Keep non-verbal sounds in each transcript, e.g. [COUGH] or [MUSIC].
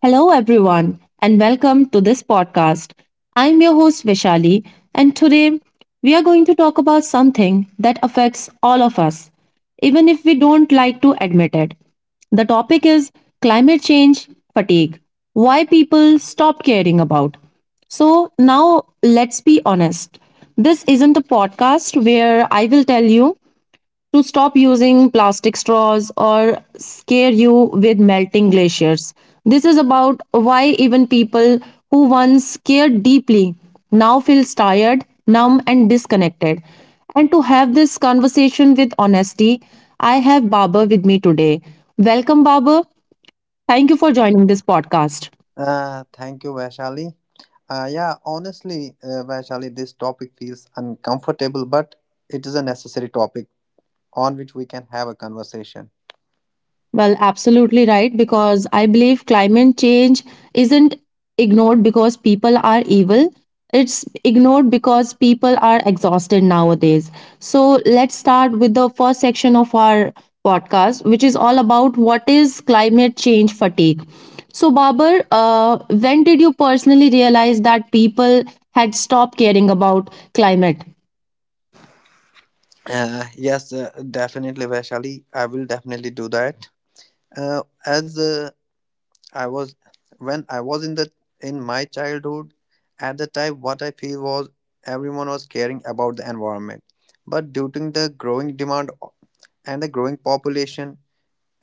Hello, everyone, and welcome to this podcast. I'm your host, Vishali, and today we are going to talk about something that affects all of us, even if we don't like to admit it. The topic is climate change fatigue why people stop caring about. So, now let's be honest. This isn't a podcast where I will tell you to stop using plastic straws or scare you with melting glaciers. This is about why even people who once cared deeply now feels tired, numb and disconnected. And to have this conversation with honesty, I have Baba with me today. Welcome Baba. Thank you for joining this podcast. Thank you, Vaishali. Vaishali, this topic feels uncomfortable, but it is a necessary topic on which we can have a conversation. Well, absolutely right, because I believe climate change isn't ignored because people are evil. It's ignored because people are exhausted nowadays. So let's start with the first section of our podcast, which is all about what is climate change fatigue. So, Babar, when did you personally realize that people had stopped caring about climate? Yes, definitely, Vaishali. I will definitely do that. As I was When I was in my childhood, at the time, what I feel was everyone was caring about the environment, but due to the growing demand and the growing population,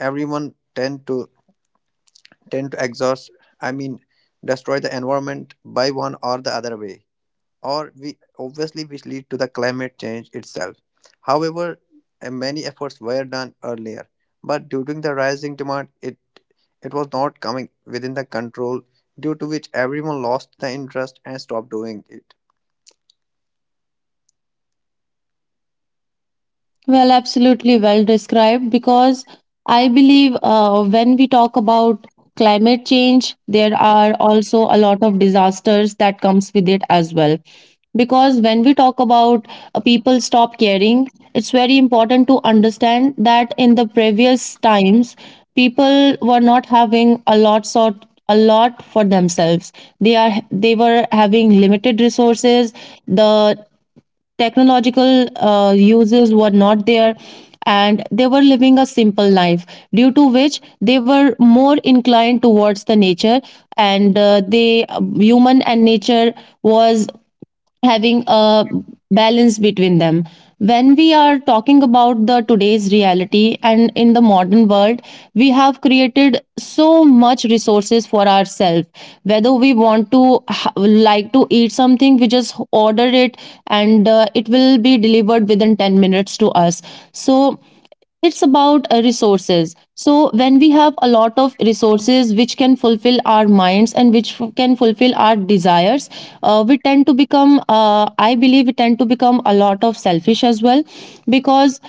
everyone tend to exhaust, i mean destroy the environment by one or the other way. Or we Obviously, which lead to the climate change itself. However, many efforts were done earlier, but during the rising demand it was not coming within the control, due to which everyone lost the interest and stopped doing it. Well, absolutely well described because I believe when we talk about climate change, there are also a lot of disasters that comes with it as well. Because when we talk about people stop caring, it's very important to understand that in the previous times, people were not having a lot for themselves. They were having limited resources. The technological uses were not there and they were living a simple life due to which they were more inclined towards the nature, and they human and nature was having a balance between them. When we are talking about the today's reality and in the modern world, we have created so much resources for ourselves. Whether we want to like to eat something, we just order it and it will be delivered within 10 minutes to us. So it's about resources. So when we have a lot of resources which can fulfill our minds and which can fulfill our desires, we tend to become I believe we tend to become a lot of selfish as well. Because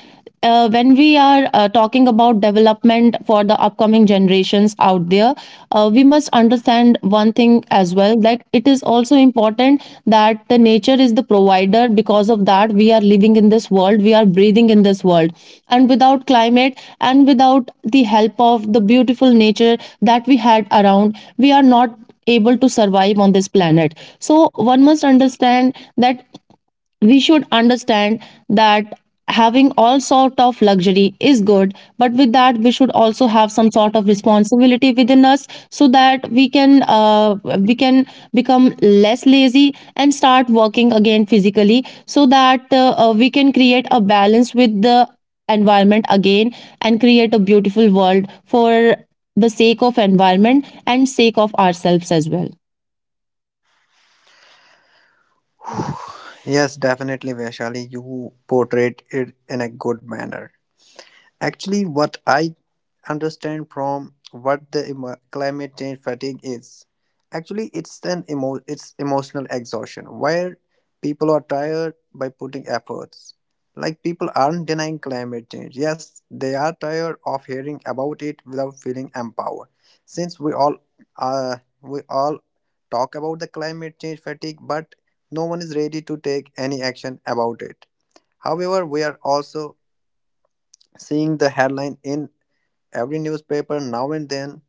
when we are talking about development for the upcoming generations out there, we must understand one thing as well, that it is also important that the nature is the provider. Because of that, we are living in this world, we are breathing in this world, and without climate and without the help of the beautiful nature that we had around, we are not able to survive on this planet. So one must understand that we should understand that having all sort of luxury is good, but with that we should also have some sort of responsibility within us, so that we can become less lazy and start working again physically, so that we can create a balance with the environment again and create a beautiful world for the sake of environment and sake of ourselves as well. Yes, definitely, Vaishali, you portrayed it in a good manner. Actually, what I understand from what the climate change fatigue is. Actually, it's an it's emotional exhaustion where people are tired by putting efforts. Like, people aren't denying climate change. Yes, they are tired of hearing about it without feeling empowered. Since we all talk about the climate change fatigue, but no one is ready to take any action about it. However, we are also seeing the headline in every newspaper now and then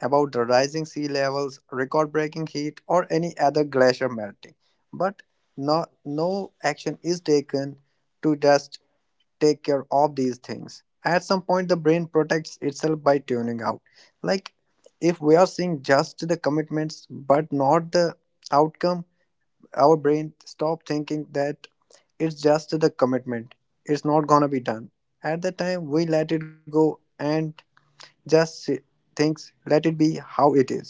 about the rising sea levels, record breaking heat, or any other glacier melting. But no action is taken to just take care of these things. At some point, the brain protects itself by tuning out. Like, if we are seeing just the commitments but not the outcome, our brain stop thinking that it's just the commitment, it's not gonna be done. At the time, we let it go and just si- thinks let it be how it is.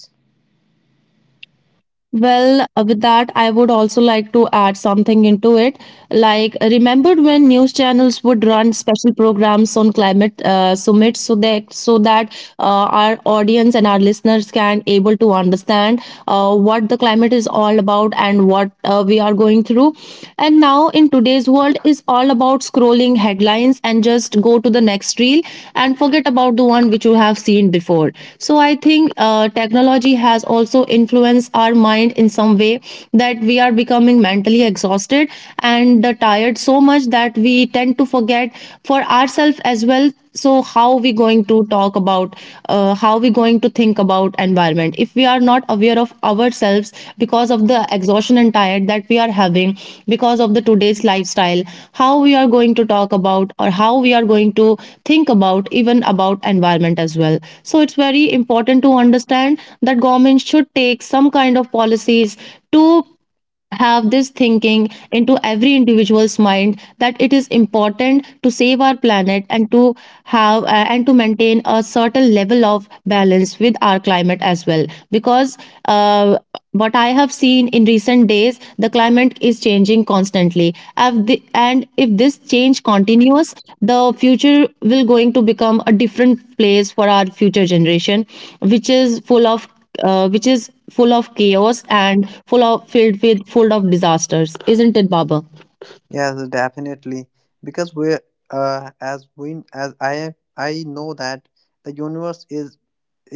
Well, with that, I would also like to add something into it. Like, remembered when news channels would run special programs on climate summits, so that our audience and our listeners can able to understand what the climate is all about and what we are going through. And now in today's world is all about scrolling headlines and just go to the next reel quickly and forget about the one which you have seen before. So I think technology has also influenced our mind in some way that we are becoming mentally exhausted and tired so much that we tend to forget for ourselves as well. So how we going to talk about, how we going to think about environment if we are not aware of ourselves because of the exhaustion and tiredness mindset that we are having because of the today's lifestyle? How we are going to talk about or how we are going to think about even about environment as well? So it's very important to understand that government should take some kind of policies to have this thinking into every individual's mind, that it is important to save our planet and to have and to maintain a certain level of balance with our climate as well. Because uh, what I have seen in recent days, the climate is changing constantly. If and if this change continues, the future will going to become a different place for our future generation, which is full of, chaos and full of filled with full of disasters, isn't it, Baba? Yes, definitely, because we're as we as I know that the universe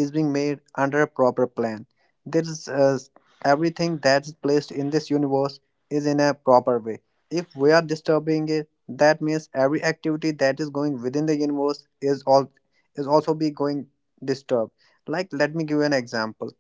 is being made under a proper plan. There is, everything that's placed in this universe is in a proper way. If we are disturbing it, that means every activity that is going within the universe is all is also be going disturbed. Like, let me give you an example.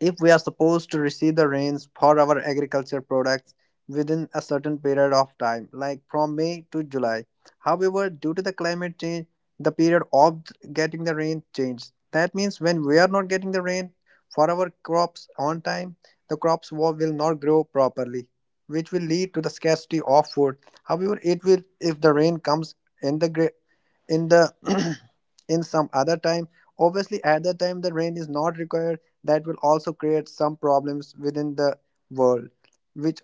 If we are supposed to receive the rains for our agriculture products within a certain period of time, like from May to July. However, due to the climate change, the period of getting the rain changed. That means when we are not getting the rain for our crops on time, the crops will not grow properly, which will lead to the scarcity of food. However, it will if the rain comes in the gra- in the [CLEARS THROAT] in some other time, obviously at the time the rain is not required, that will also create some problems within the world, which,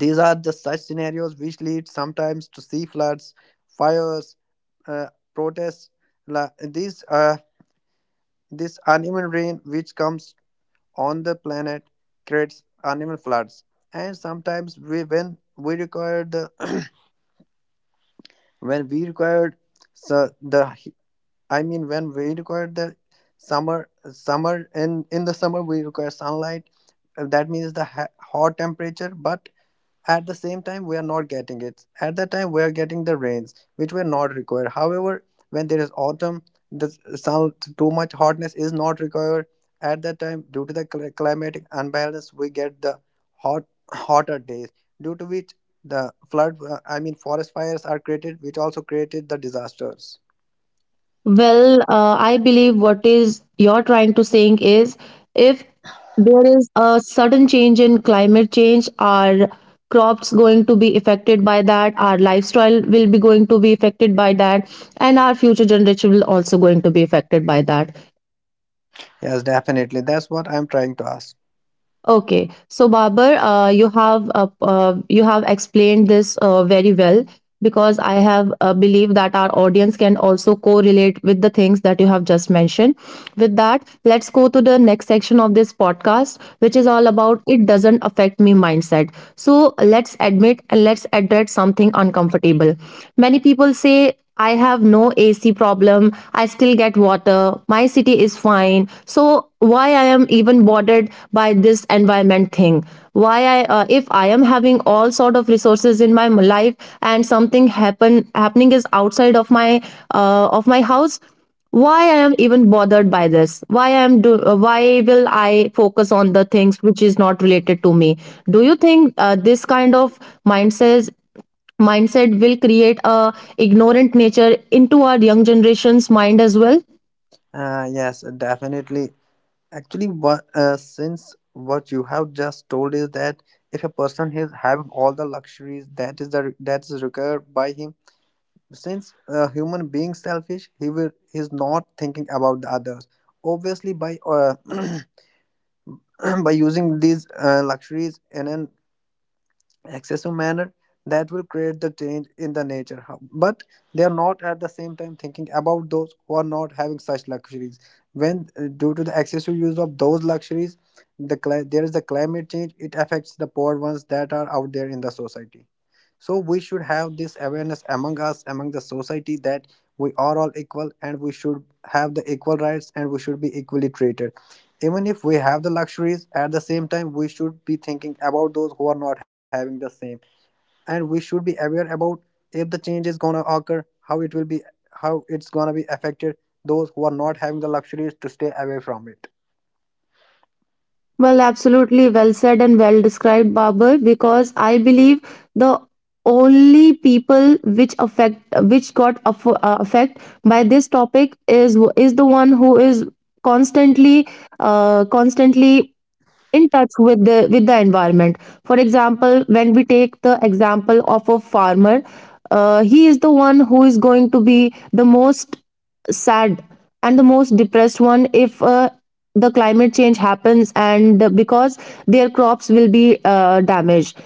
these are the such scenarios which lead sometimes to sea floods, fires, uh, protests. La- these This uneven rain which comes on the planet creates uneven floods. And sometimes we when we require the [CLEARS THROAT] when we required, so when we require the summer in the summer we require sunlight. That means the hot temperature, but at the same time we are not getting it. At that time we are getting the rains, which were not required. However, when there is autumn, the sun, too much hotness is not required. At that time, due to the climatic unbalance, we get the hot hotter days. Due to which the flood, I mean forest fires are created, which also created the disasters. Well, I believe what is you're trying to saying is, if there is a sudden change in climate change, our crops going to be affected by that, our lifestyle will be going to be affected by that, and our future generation will also going to be affected by that. Yes, definitely. That's what I'm trying to ask. Okay. So, Babar, you have explained this very well, because I have believe that our audience can also correlate with the things that you have just mentioned. With that, let's go to the next section of this podcast, which is all about it doesn't affect me mindset. So let's admit and let's address something uncomfortable. Many people say I have no AC problem. I still get water. My city is fine. So why I am even bothered by this environment thing? Why I, if I am having all sort of resources in my life and something happening is outside of my, house? Why I am even bothered by this? Why I am do? Why will I focus on the things which is not related to me? Do you think this kind of mindset mindset will create a ignorant nature into our young generation's mind as well? Yes, definitely. Actually, what since what you have just told is that if a person is having all the luxuries that is the that is required by him, since a human being selfish, he's not thinking about the others. Obviously, by [CLEARS THROAT] by using these luxuries in an excessive manner, that will create the change in the nature. How- but they are not at the same time thinking about those who are not having such luxuries. When due to the excessive use of those luxuries, the there is the climate change, it affects the poor ones that are out there in the society. So we should have this awareness among us, among the society, that we are all equal and we should have the equal rights and we should be equally treated. Even if we have the luxuries, at the same time we should be thinking about those who are not having the same. And we should be aware about if the change is gonna occur, how it will be, how it's gonna be affected, those who are not having the luxuries, to stay away from it. Well, absolutely well said and well described, Babar, because I believe the only people which affect, which got affect by this topic, is the one who is constantly, uh, constantly in touch with the environment. For example, when we take the example of a farmer, he is the one who is going to be the most sad and the most depressed one if the climate change happens, and because their crops will be damaged.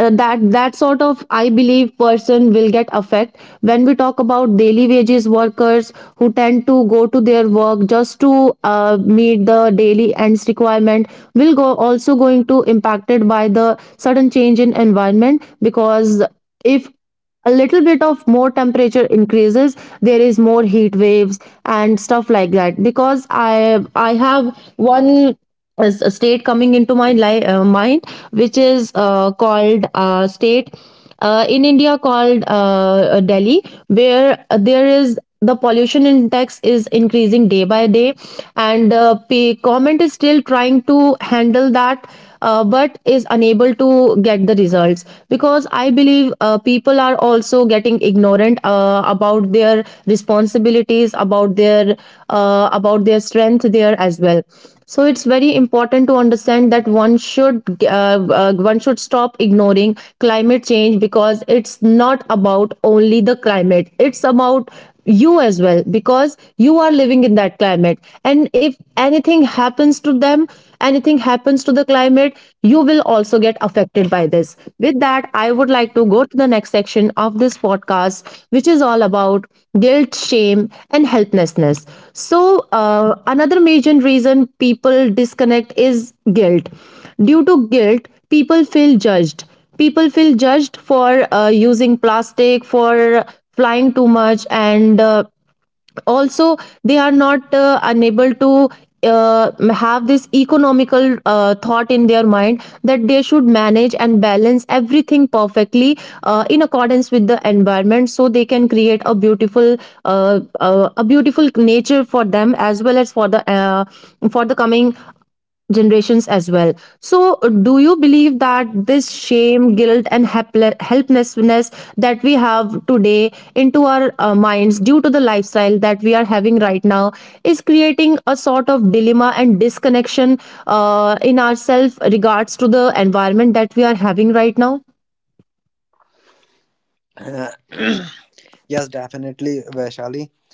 That sort of, I believe, person will get affect. When we talk about daily wages workers who tend to go to their work just to uh, meet the daily ends requirement, will go also going to impacted by the sudden change in environment, because if a little bit of more temperature increases, there is more heat waves and stuff like that. Because I have one is a state coming into my mind, which is called state, in India, called Delhi, where there is the pollution index is increasing day by day, and the government is still trying to handle that, but is unable to get the results, because I believe people are also getting ignorant about their responsibilities, about their about their strength there as well. So it's very important to understand that one should, one should stop ignoring climate change, because it's not about only the climate, it's about you as well, because you are living in that climate, and if anything happens to them, anything happens to the climate, you will also get affected by this. With that, I would like to go to the next section of this podcast, which is all about guilt, shame, and helplessness. So, another major reason people disconnect is guilt. Due to guilt, people feel judged. People feel judged for using plastic, for flying too much, and also they are not, unable to have this economical thought in their mind, that they should manage and balance everything perfectly in accordance with the environment, so they can create a beautiful, a beautiful nature for them, as well as for the, for the coming generations as well. So, do you believe that this shame, guilt, and helplessness that we have today into our minds, due to the lifestyle that we are having right now, is creating a sort of dilemma and disconnection in ourselves regards to the environment that we are having right now? Uh, [COUGHS] [CLEARS THROAT] yes, definitely, Vaishali,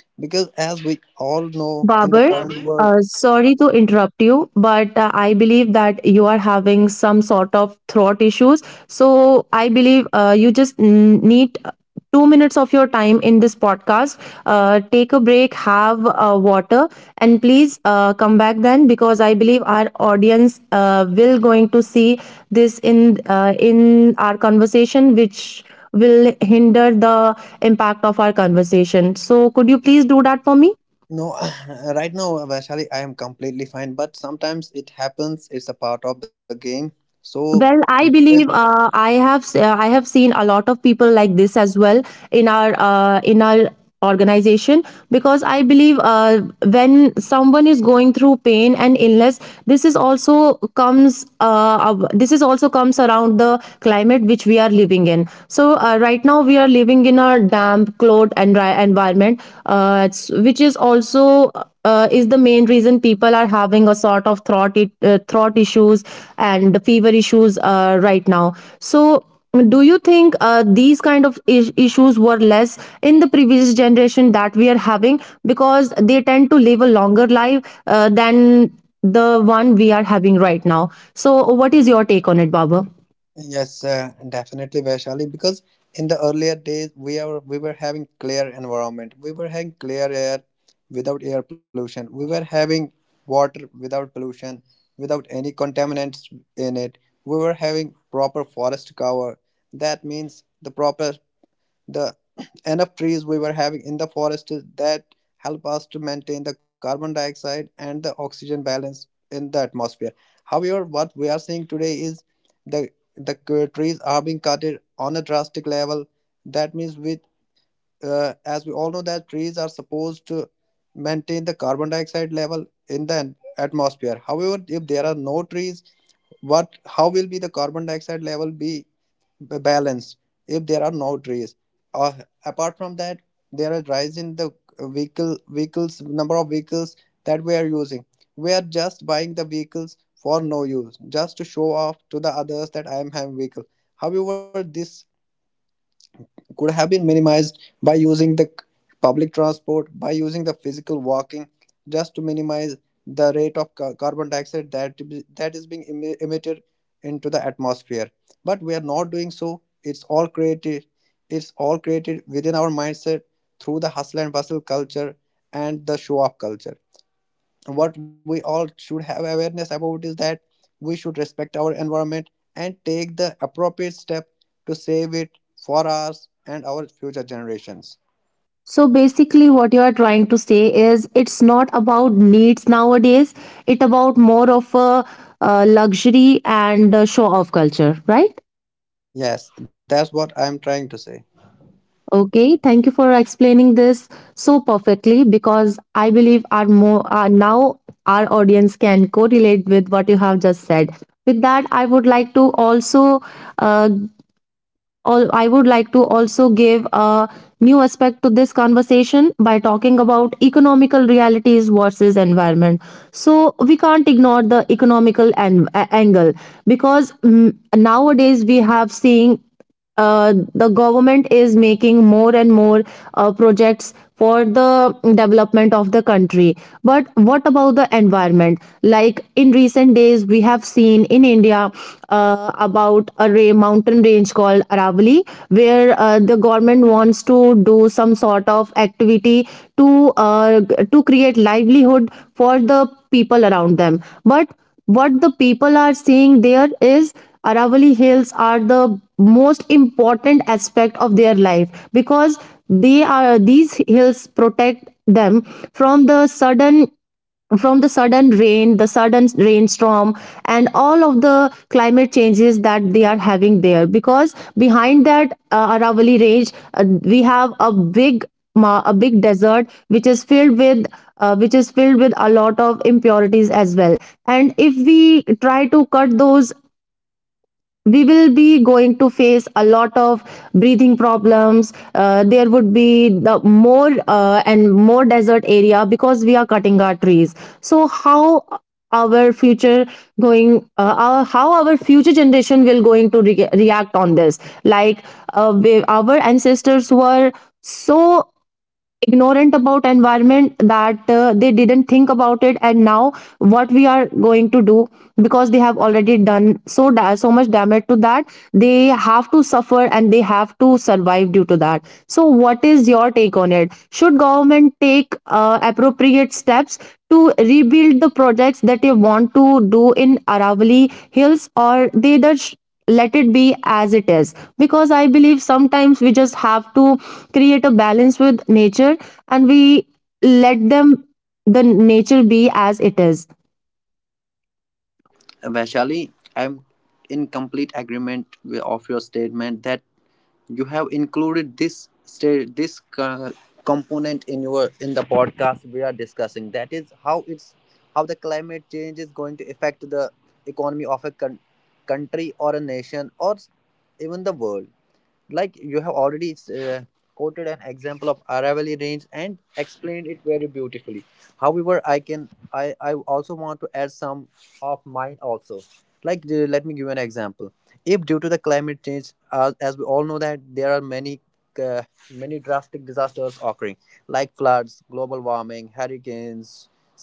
because as we all know, in the Babar, current world sorry to interrupt you, but I believe that you are having some sort of throat issues. So I believe you just need 2 minutes of your time in this podcast. Take a break, have water, and please come back then, because I believe our audience will going to see this in, in our conversation, which will hinder the impact of our conversation. So could you please do that for me? no. [COUGHS] [CLEARS THROAT] Right now, Vaishali, I am completely fine, but sometimes it happens. It's a part of the game. So, Well, I no. believe I have seen a lot of people like this as well in our organization because I believe when someone is going through pain and illness, this is also this is also comes around the climate which we are living in. So right now we are living in a damp, cold, and dry environment. That's which is the main reason people are having a sort of throat issues and the fever issues right now. So do you think these kind of issues were less in the previous generation that we are having because they tend to live a longer life than the one we are having right now, so what is your take on it, baba? Yes, definitely, Vaishali. Because in the earlier days, we were having clear environment. We were having clear air without air pollution. We were having water without pollution, without any contaminants in it. We were having proper forest cover. That means the proper, the [CLEARS THROAT] enough trees we were having in the forest is that help us to maintain the carbon dioxide and the oxygen balance in the atmosphere. However, what we are seeing today is the trees are being cutted on a drastic level. That means with, as we all know that trees are supposed to maintain the carbon dioxide level in the atmosphere. However, if there are no trees, what, how will be the carbon dioxide level be balance if there are no trees? uh, Apart from that, there are rise in the vehicle vehicles number of vehicles that we are using. We are just buying the vehicles for no use, just to show off to the others that I am having vehicle. However, this could have been minimized by using the public transport, by using the physical walking, just to minimize the rate of carbon dioxide that is being emitted into the atmosphere. But we are not doing so. It's all created within our mindset through the hustle and bustle culture and the show off culture. What we all should have awareness about is that we should respect our environment and take the appropriate step to save it for us and our future generations. So basically what you are trying to say is it's not about needs nowadays, it about more of a luxury and a show off culture, right? Yes, that's what I'm trying to say. Okay, thank you for explaining this so perfectly because I believe our more now our audience can correlate with what you have just said. With that, I would like to also uh, all I would like to also give a new aspect to this conversation by talking about economical realities versus environment. So we can't ignore the angle because nowadays we have seen the government is making more and more projects for the development of the country, but what about the environment? Like in recent days we have seen in India about a mountain range called Aravali, where the government wants to do some sort of activity to uh, to create livelihood for the people around them. But what the people are saying there is Aravali Hills are the most important aspect of their life because they are these hills protect them from the sudden rain, the sudden rainstorm, and all of the climate changes that they are having there. Because behind that Aravali range, we have a a big desert which is filled with which is filled with a lot of impurities as well, and if we try to cut those, we will be going to face a lot of breathing problems. There would be the more desert area because we are cutting our trees. So how our how our future generation will going to react on this, like our ancestors were so ignorant about environment that they didn't think about it, and now what we are going to do, because they have already done so much damage to that, they have to suffer and they have to survive due to that. So what is your take on it? Should government take appropriate steps to rebuild the projects that they want to do in Aravali Hills, or they just let it be as it is? Because I believe sometimes we just have to create a balance with nature and we let them the nature be as it is. Uh, Vaishali, I'm in complete agreement with, of your statement, that you have included this component in your, in the podcast we are discussing, that is how it's how the climate change is going to affect the economy of a country or a nation or even the world. Like you have already, quoted an example of Aravalli range and explained it very beautifully. However, I can I also want to add some of mine also. Like, let me give you an example. If due to the climate change, as we all know that there are uh, many drastic disasters occurring, like floods, global warming, hurricanes,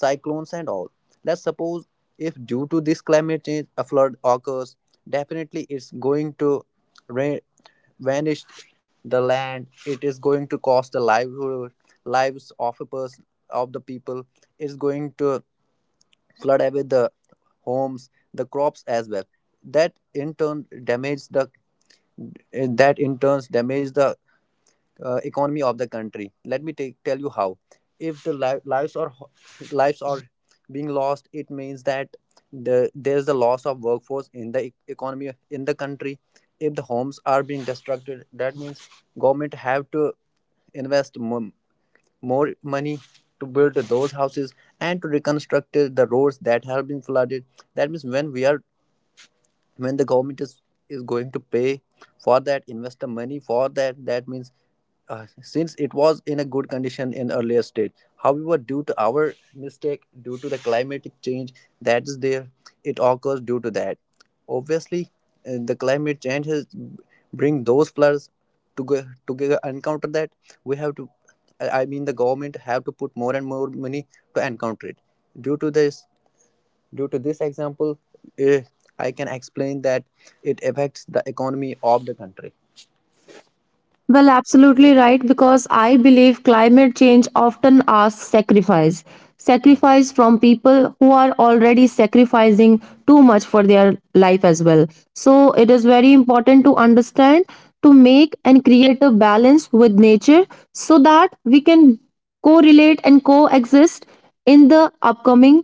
cyclones and all. Let's suppose if due to this climate change a flood occurs, definitely it's going to rain, vanished the land, it is going to cost the livelihood lives of a person, of the people. It's going to flood away the homes, the crops as well, that in turn damage the, that in turns damage the economy of the country. Tell you how. If the lives are being lost, it means that there's the loss of workforce in the economy in the country. If the homes are being destructed, that means government have to invest mo- more money to build those houses and to reconstruct the roads that have been flooded. That means when we are, when the government is going to pay for that, investor money for that, that means, uh, since it was in a good condition in earlier stage, however due to our mistake, due to the climatic change that is there, it occurs due to that. Obviously, the climate change has bring those floods. To go to encounter that, we have to, I mean, the government have to put more and more money to encounter it. due to this Due to this example, eh, I can explain that it affects the economy of the country. Well, absolutely right, because I believe climate change often asks sacrifice from people who are already sacrificing too much for their life as well. So it is very important to understand, to make and create a balance with nature so that we can correlate and coexist in the upcoming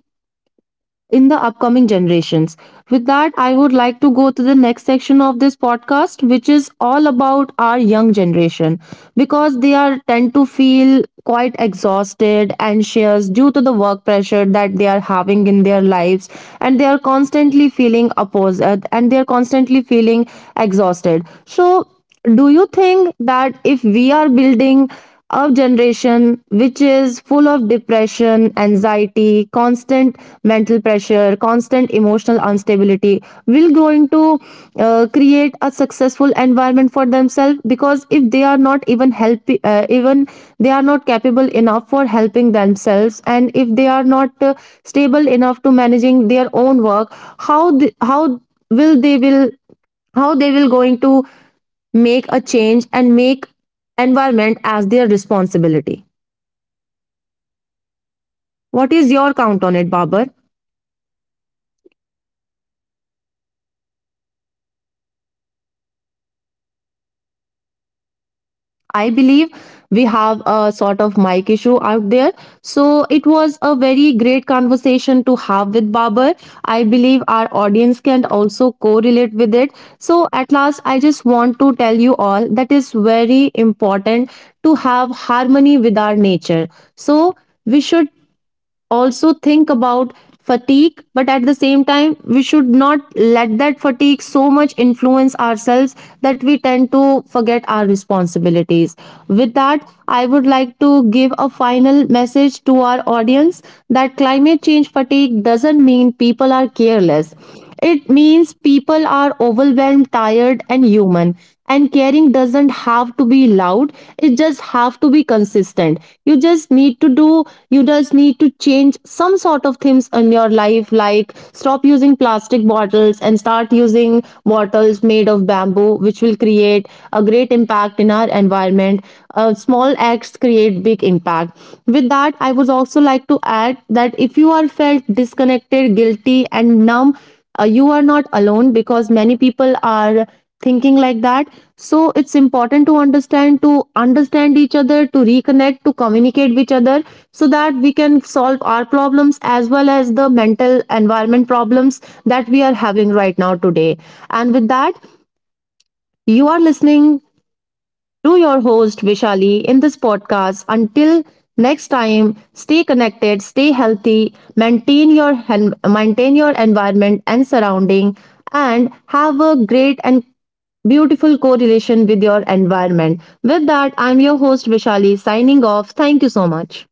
upcoming generations. With that, I would like to go to the next section of this podcast, which is all about our young generation, because they are tend to feel quite exhausted, anxious, due to the work pressure that they are having in their lives, and they are constantly feeling opposed and they are constantly feeling exhausted. So do you think that if we are building a generation which is full of depression, anxiety, constant mental pressure, constant emotional instability, will going to create a successful environment for themselves? Because if they are not even they are not capable enough for helping themselves, and if they are not stable enough to managing their own work, how th- how will they will how they will going to make a change and make environment as their responsibility. What is your count on it, Babar? I believe we have a sort of mic issue out there. So it was a very great conversation to have with Babar. I believe our audience can also correlate with it. So at last, I just want to tell you all that is very important to have harmony with our nature. So we should also think about fatigue, but at the same time we should not let that fatigue so much influence ourselves that we tend to forget our responsibilities. With that, I would like to give a final message to our audience that climate change fatigue doesn't mean people are careless. It means people are overwhelmed, tired, and human. And caring doesn't have to be loud, it just have to be consistent. You just need to do you just need to change some sort of things in your life, like stop using plastic bottles and start using bottles made of bamboo, which will create a great impact in our environment. Small acts create big impact. With that, I would also like to add that if you are felt disconnected, guilty, and numb, you are not alone, because many people are thinking like that. So it's important to understand each other, to reconnect, to communicate with each other, so that we can solve our problems as well as the mental environment problems that we are having right now today. And with that, you are listening to your host Vishali in this podcast. Until next time, stay connected, stay healthy, maintain your environment and surrounding, and have a great and beautiful correlation with your environment. With that, I'm your host Vishali signing off. Thank you so much.